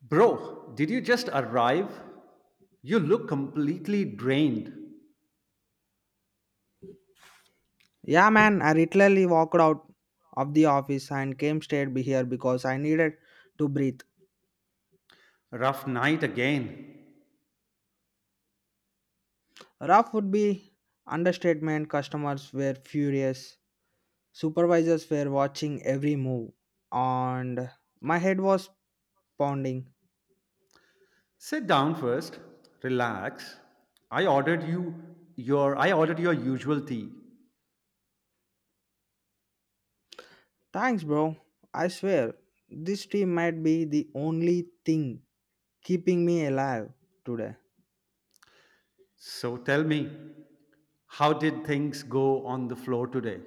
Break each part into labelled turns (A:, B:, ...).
A: Bro, did you just arrive? You look completely drained.
B: Yeah, man, I literally walked out of the office and came straight be here because I needed to breathe.
A: Rough night again.
B: Rough would be understatement. Customers were furious. Supervisors were watching every move, and my head was pounding.
A: Sit down first. Relax. I ordered you I ordered your usual tea.
B: Thanks, bro. I swear, this team might be the only thing keeping me alive today.
A: So tell me, how did things go on the floor today?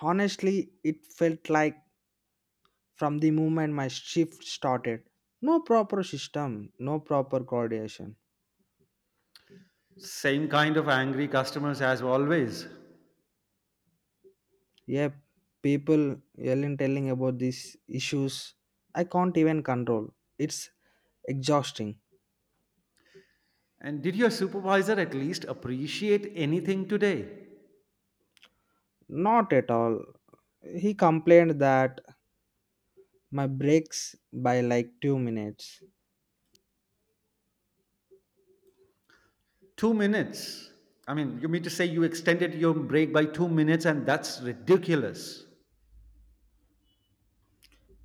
B: Honestly, it felt like from the moment my shift started. No proper system, no proper coordination.
A: Same kind of angry customers as always.
B: Yeah, people yelling, telling about these issues. I can't even control. It's exhausting.
A: And did your supervisor at least appreciate anything today?
B: Not at all. He complained that my breaks by like 2 minutes.
A: 2 minutes. You mean to say you extended your break by 2 minutes and that's ridiculous.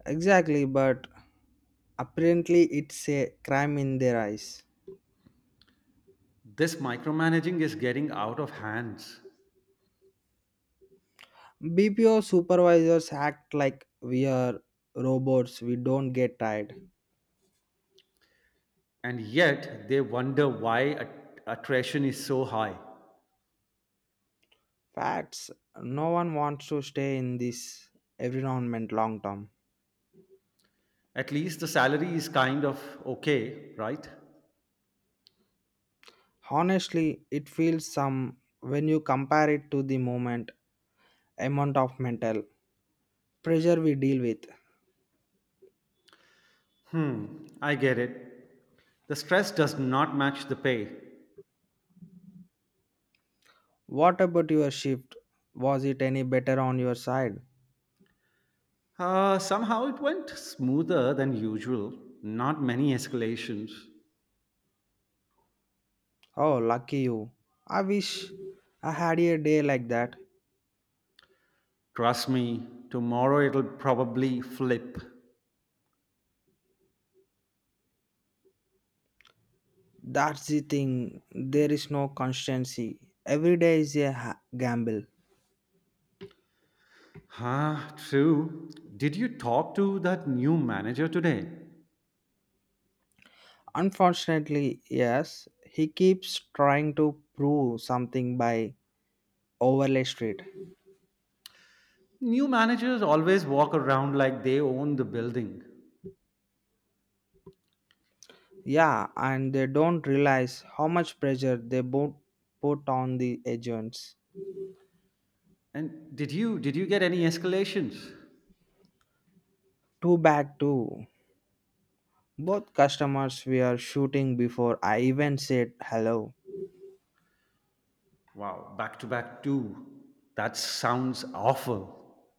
B: Exactly, but apparently it's a crime in their eyes.
A: This micromanaging is getting out of hands.
B: BPO supervisors act like we are robots, we don't get tired.
A: And yet they wonder why attrition is so high.
B: Facts. No one wants to stay in this environment long term.
A: At least the salary is kind of okay, right?
B: Honestly, it feels some when you compare it to the moment amount of mental pressure we deal with.
A: Hmm, I get it. The stress does not match the pay.
B: What about your shift? Was it any better on your side?
A: Somehow it went smoother than usual. Not many escalations.
B: Oh, lucky you. I wish I had a day like that.
A: Trust me, tomorrow it'll probably flip.
B: That's the thing. There is no constancy. Every day is a gamble.
A: Huh, true. Did you talk to that new manager today?
B: Unfortunately, yes, he keeps trying to prove something by overlay street.
A: New managers always walk around like they own the building.
B: Yeah, and they don't realize how much pressure they both put on the agents.
A: And did you get any escalations?
B: Too bad too. Both customers were shooting before I even said hello.
A: Wow, back to back two. That sounds awful.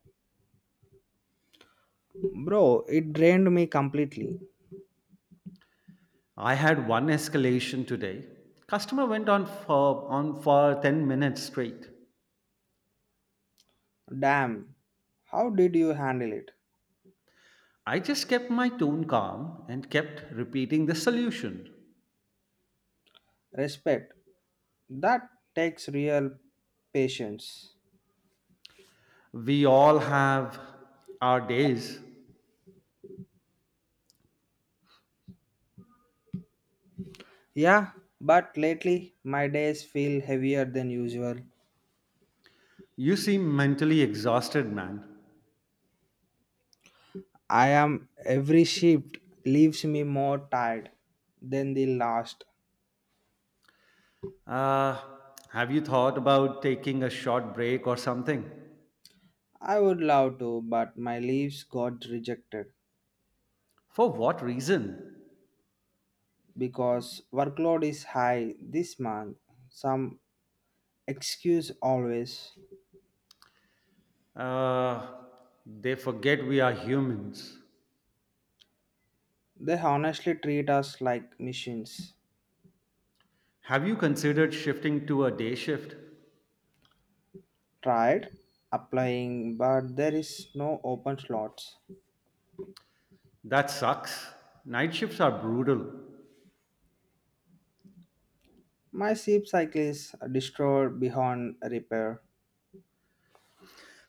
B: Bro, it drained me completely.
A: I had one escalation today. Customer went on for 10 minutes straight.
B: Damn, how did you handle it?
A: I just kept my tone calm and kept repeating the solution.
B: Respect. That takes real patience.
A: We all have our days.
B: Yeah, but lately my days feel heavier than usual.
A: You seem mentally exhausted, man.
B: I am every shift leaves me more tired than the last.
A: Uh, have you thought about taking a short break or something?
B: I would love to, but my leaves got rejected
A: For what reason?
B: because workload is high this month. Some excuse always.
A: Uh, they forget we are humans.
B: They honestly treat us like machines.
A: Have you considered shifting to a day shift?
B: Tried applying, but there is no open slots.
A: That sucks. Night shifts are brutal.
B: My sleep cycle is destroyed beyond repair.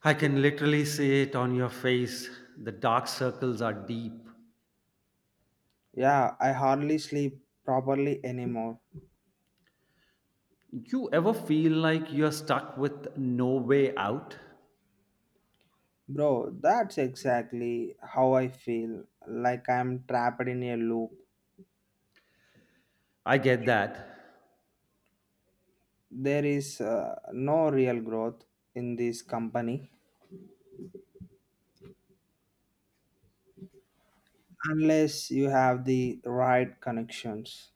A: I can literally see it on your face. The dark circles are deep.
B: Yeah, I hardly sleep properly anymore.
A: You ever feel like you're stuck with no way out?
B: Bro, that's exactly how I feel like I'm trapped in a loop.
A: I get that.
B: There is no real growth in this company unless you have the right connections.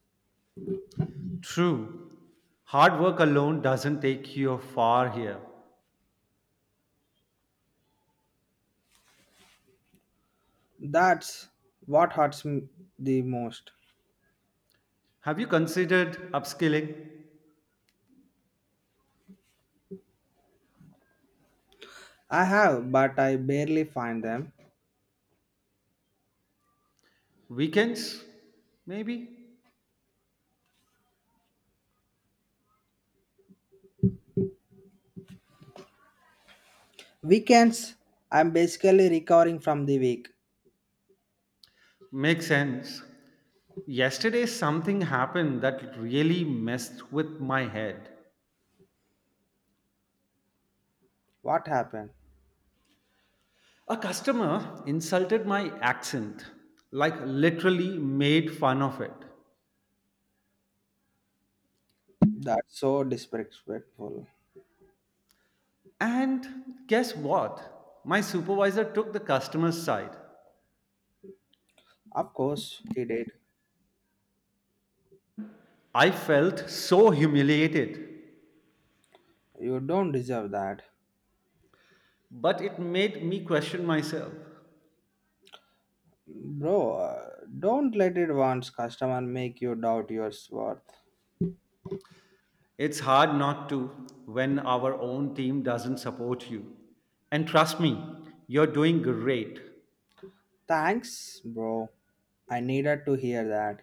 A: True. Hard work alone doesn't take you far here.
B: That's what hurts me the most.
A: Have you considered upskilling?
B: I have, but I barely find them.
A: Weekends? Maybe?
B: Weekends, I'm basically recovering from the week.
A: Makes sense. Yesterday, something happened that really messed with my head.
B: What happened?
A: A customer insulted my accent, like literally made fun of it.
B: That's so disrespectful.
A: And guess what? My supervisor took the customer's side.
B: Of course, he did.
A: I felt so humiliated.
B: You don't deserve that.
A: But it made me question myself.
B: Bro, don't let it once customer make you doubt your worth.
A: It's hard not to when our own team doesn't support you. And trust me, you're doing great.
B: Thanks, bro. I needed to hear that.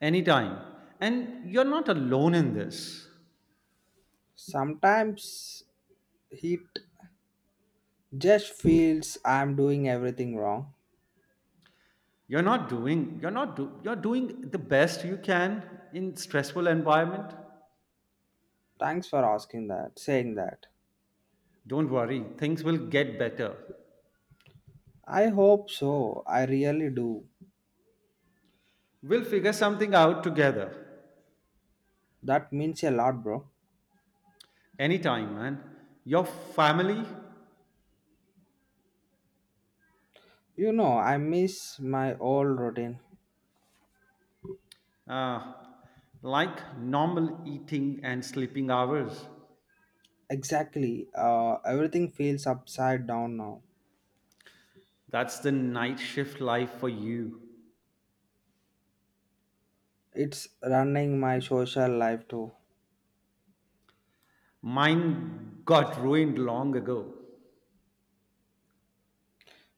A: Anytime. And you're not alone in this.
B: Sometimes it just feels I'm doing everything wrong.
A: You're not doing you're not do, You're doing the best you can in stressful environment.
B: Thanks for asking that, saying that.
A: Don't worry, things will get better.
B: I hope so. I really do.
A: We'll figure something out together.
B: That means a lot, bro.
A: Anytime, man. Your family.
B: You know, I miss my old routine.
A: Uh, like normal eating and sleeping hours.
B: Exactly. Everything feels upside down now.
A: That's the night shift life for you.
B: It's running my social life too.
A: Mine got ruined long ago.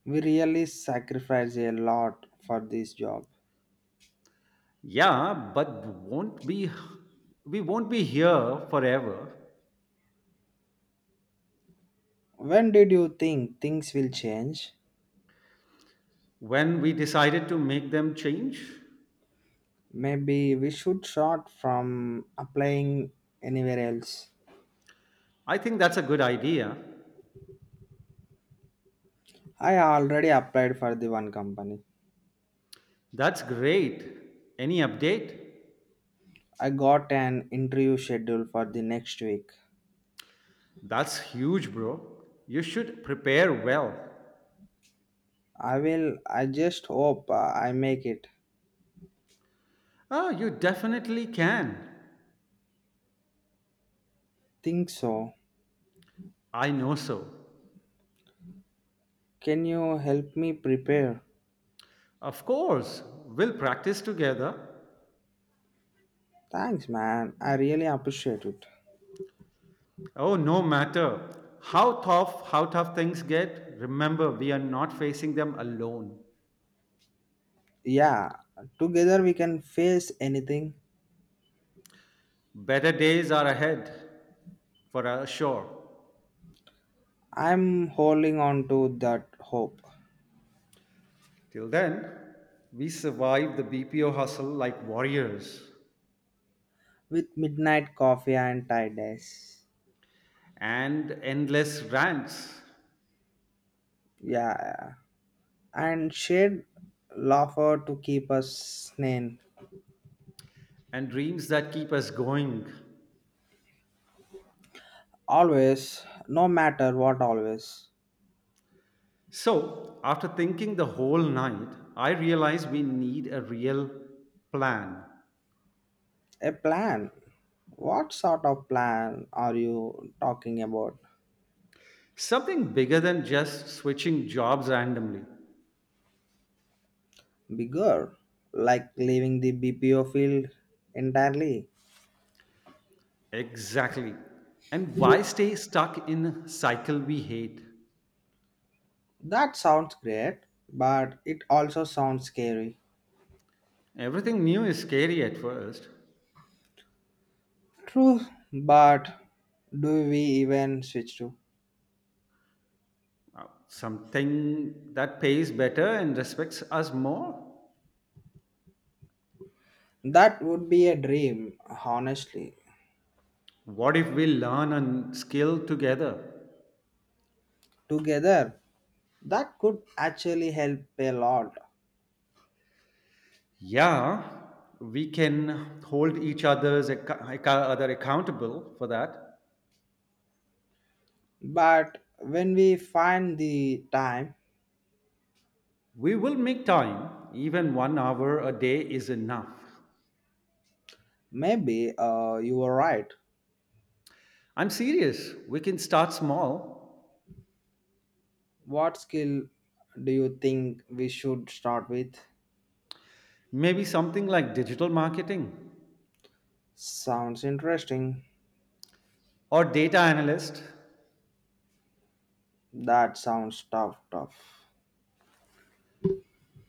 B: We really sacrifice a lot for this job.
A: Yeah, but won't be here forever.
B: When did you think things will change?
A: When we decided to make them change,
B: Maybe we should start from applying anywhere else.
A: I think that's a good idea.
B: I already applied for the one company.
A: That's great. Any update?
B: I got an interview schedule for the next week.
A: That's huge, bro. You should prepare well.
B: I just hope I make it.
A: Ah, you definitely can.
B: Think so.
A: I know so.
B: Can you help me prepare?
A: Of course, we'll practice together.
B: Thanks man. I really appreciate it.
A: Oh, no matter how tough things get, remember we are not facing them alone.
B: Yeah, together we can face anything.
A: Better days are ahead for us, sure.
B: I'm holding on to that hope
A: Till then, we survive the BPO hustle like warriors
B: with midnight coffee and tiredness.
A: and endless rants
B: Yeah, and shared laughter to keep us sane.
A: and dreams that keep us going.
B: Always, no matter what, always.
A: So, after thinking the whole night, I realized we need a real plan.
B: A plan. What sort of plan are you talking about?
A: Something bigger than just switching jobs randomly.
B: Bigger, like leaving the BPO field entirely?
A: Exactly. And why stay stuck in a cycle we hate?
B: That sounds great, but it also sounds scary.
A: Everything new is scary at first.
B: True, but do we even switch to?
A: Something that pays better and respects us more?
B: That would be a dream, honestly.
A: What if we learn a skill together?
B: Together, that could actually help a lot.
A: Yeah, we can hold each other accountable for that.
B: But when we find the time,
A: We will make time. Even one hour a day is enough.
B: maybe you were right.
A: I'm serious. We can start small.
B: What skill do you think we should start with?
A: Maybe something like digital marketing
B: Sounds interesting.
A: or data analyst.
B: That sounds tough.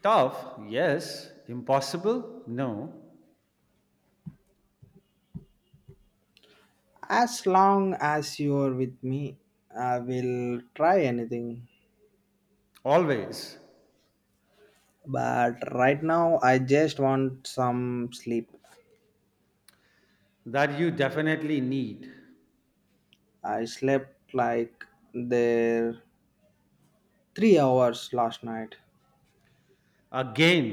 A: Tough, yes. Impossible, no.
B: As long as you're with me, I will try anything.
A: Always.
B: But right now, I just want some sleep.
A: That you definitely need.
B: I slept like there 3 hours last night.
A: Again,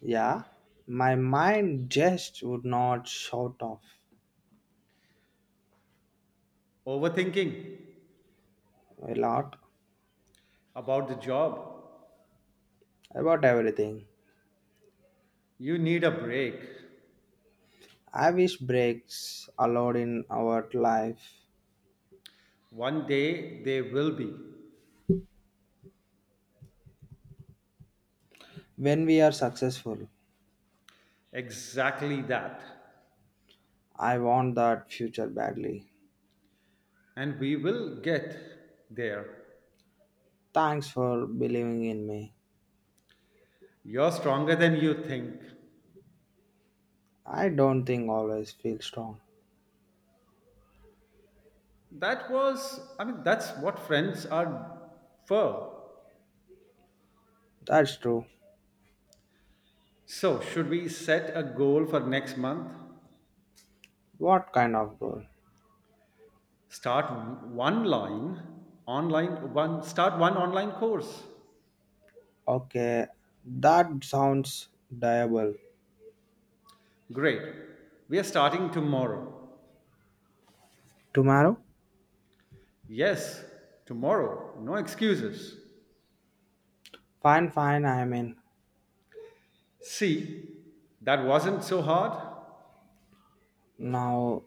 B: Yeah, my mind just would not shut off
A: overthinking
B: a lot
A: about the job.
B: about everything.
A: You need a break.
B: I wish breaks allowed in our life
A: One day they will be
B: when we are successful.
A: exactly that.
B: I want that future badly.
A: And we will get there.
B: Thanks for believing in me.
A: You're stronger than you think.
B: I don't think always feel strong.
A: That's what friends are for.
B: That's true.
A: So, should we set a goal for next month?
B: What kind of goal?
A: Start one line start one online course.
B: Okay, that sounds doable.
A: Great. We are starting tomorrow.
B: Tomorrow?
A: Yes, tomorrow. No excuses.
B: Fine, fine, I mean.
A: See, that wasn't so hard.
B: Now,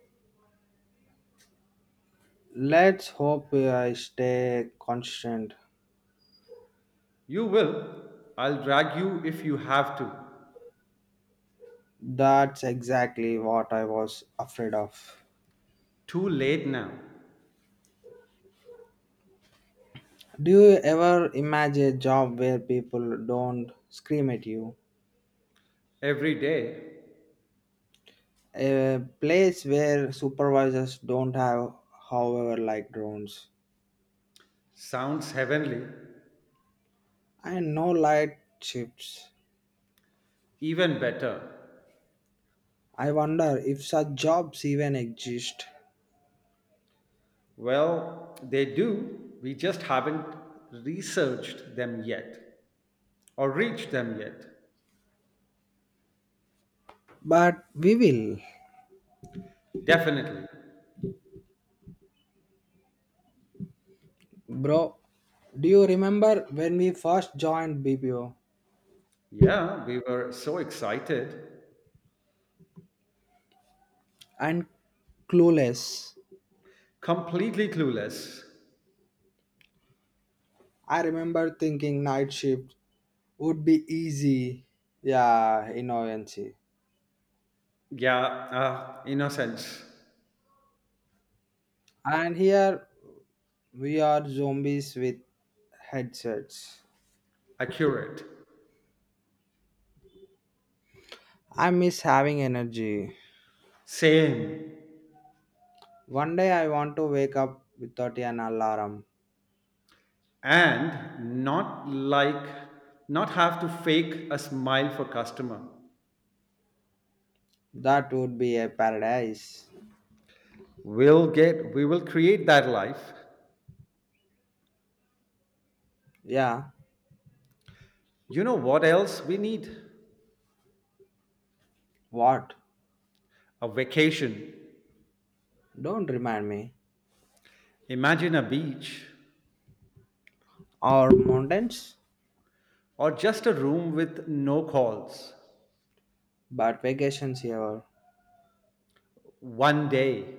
B: let's hope I stay constant.
A: You will. I'll drag you if you have to.
B: That's exactly what I was afraid of.
A: Too late now.
B: Do you ever imagine a job where people don't scream at you?
A: Every day
B: A place where supervisors don't have, however, like drones?
A: sounds heavenly,
B: And no light shifts.
A: even better.
B: I wonder if such jobs even exist.
A: Well, they do. We just haven't researched them yet or reached them yet.
B: But we will.
A: Definitely.
B: Bro, do you remember when we first joined BPO
A: Yeah, we were so excited.
B: and clueless?
A: Completely clueless.
B: I remember thinking night shift would be easy. Yeah, in.
A: Yeah, innocence.
B: And here we are zombies with headsets.
A: Accurate.
B: I miss having energy.
A: Same.
B: One day I want to wake up without an alarm.
A: And not like, Not have to fake a smile for customer.
B: That would be a paradise.
A: We will create that life.
B: Yeah,
A: You know what else we need?
B: what?
A: A vacation.
B: Don't remind me.
A: Imagine a beach.
B: Or mountains,
A: Or just a room with no calls.
B: but vacations here.
A: One day,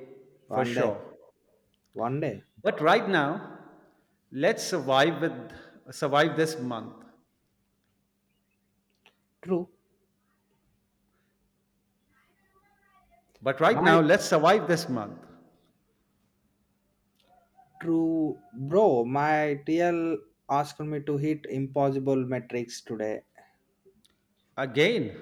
A: for
B: One day,
A: sure.
B: one day.
A: But right now, let's survive with Survive this month.
B: True.
A: But right
B: My
A: now, let's survive this month.
B: true bro, my TL asked me to hit impossible metrics today.
A: Again.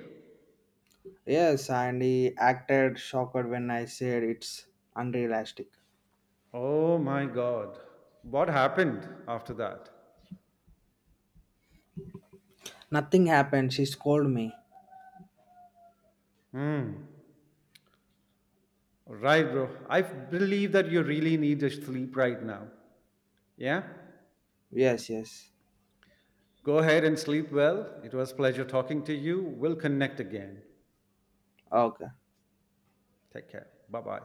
B: Yes, and he acted shocked when I said it's unrealistic.
A: Oh my god. What happened after that?
B: Nothing happened. She scolded me.
A: Hmm. Right, bro. I believe that you really need to sleep right now. Yeah?
B: Yes, yes.
A: Go ahead and sleep well. It was a pleasure talking to you. We'll connect again.
B: Okay.
A: Take care. Bye bye.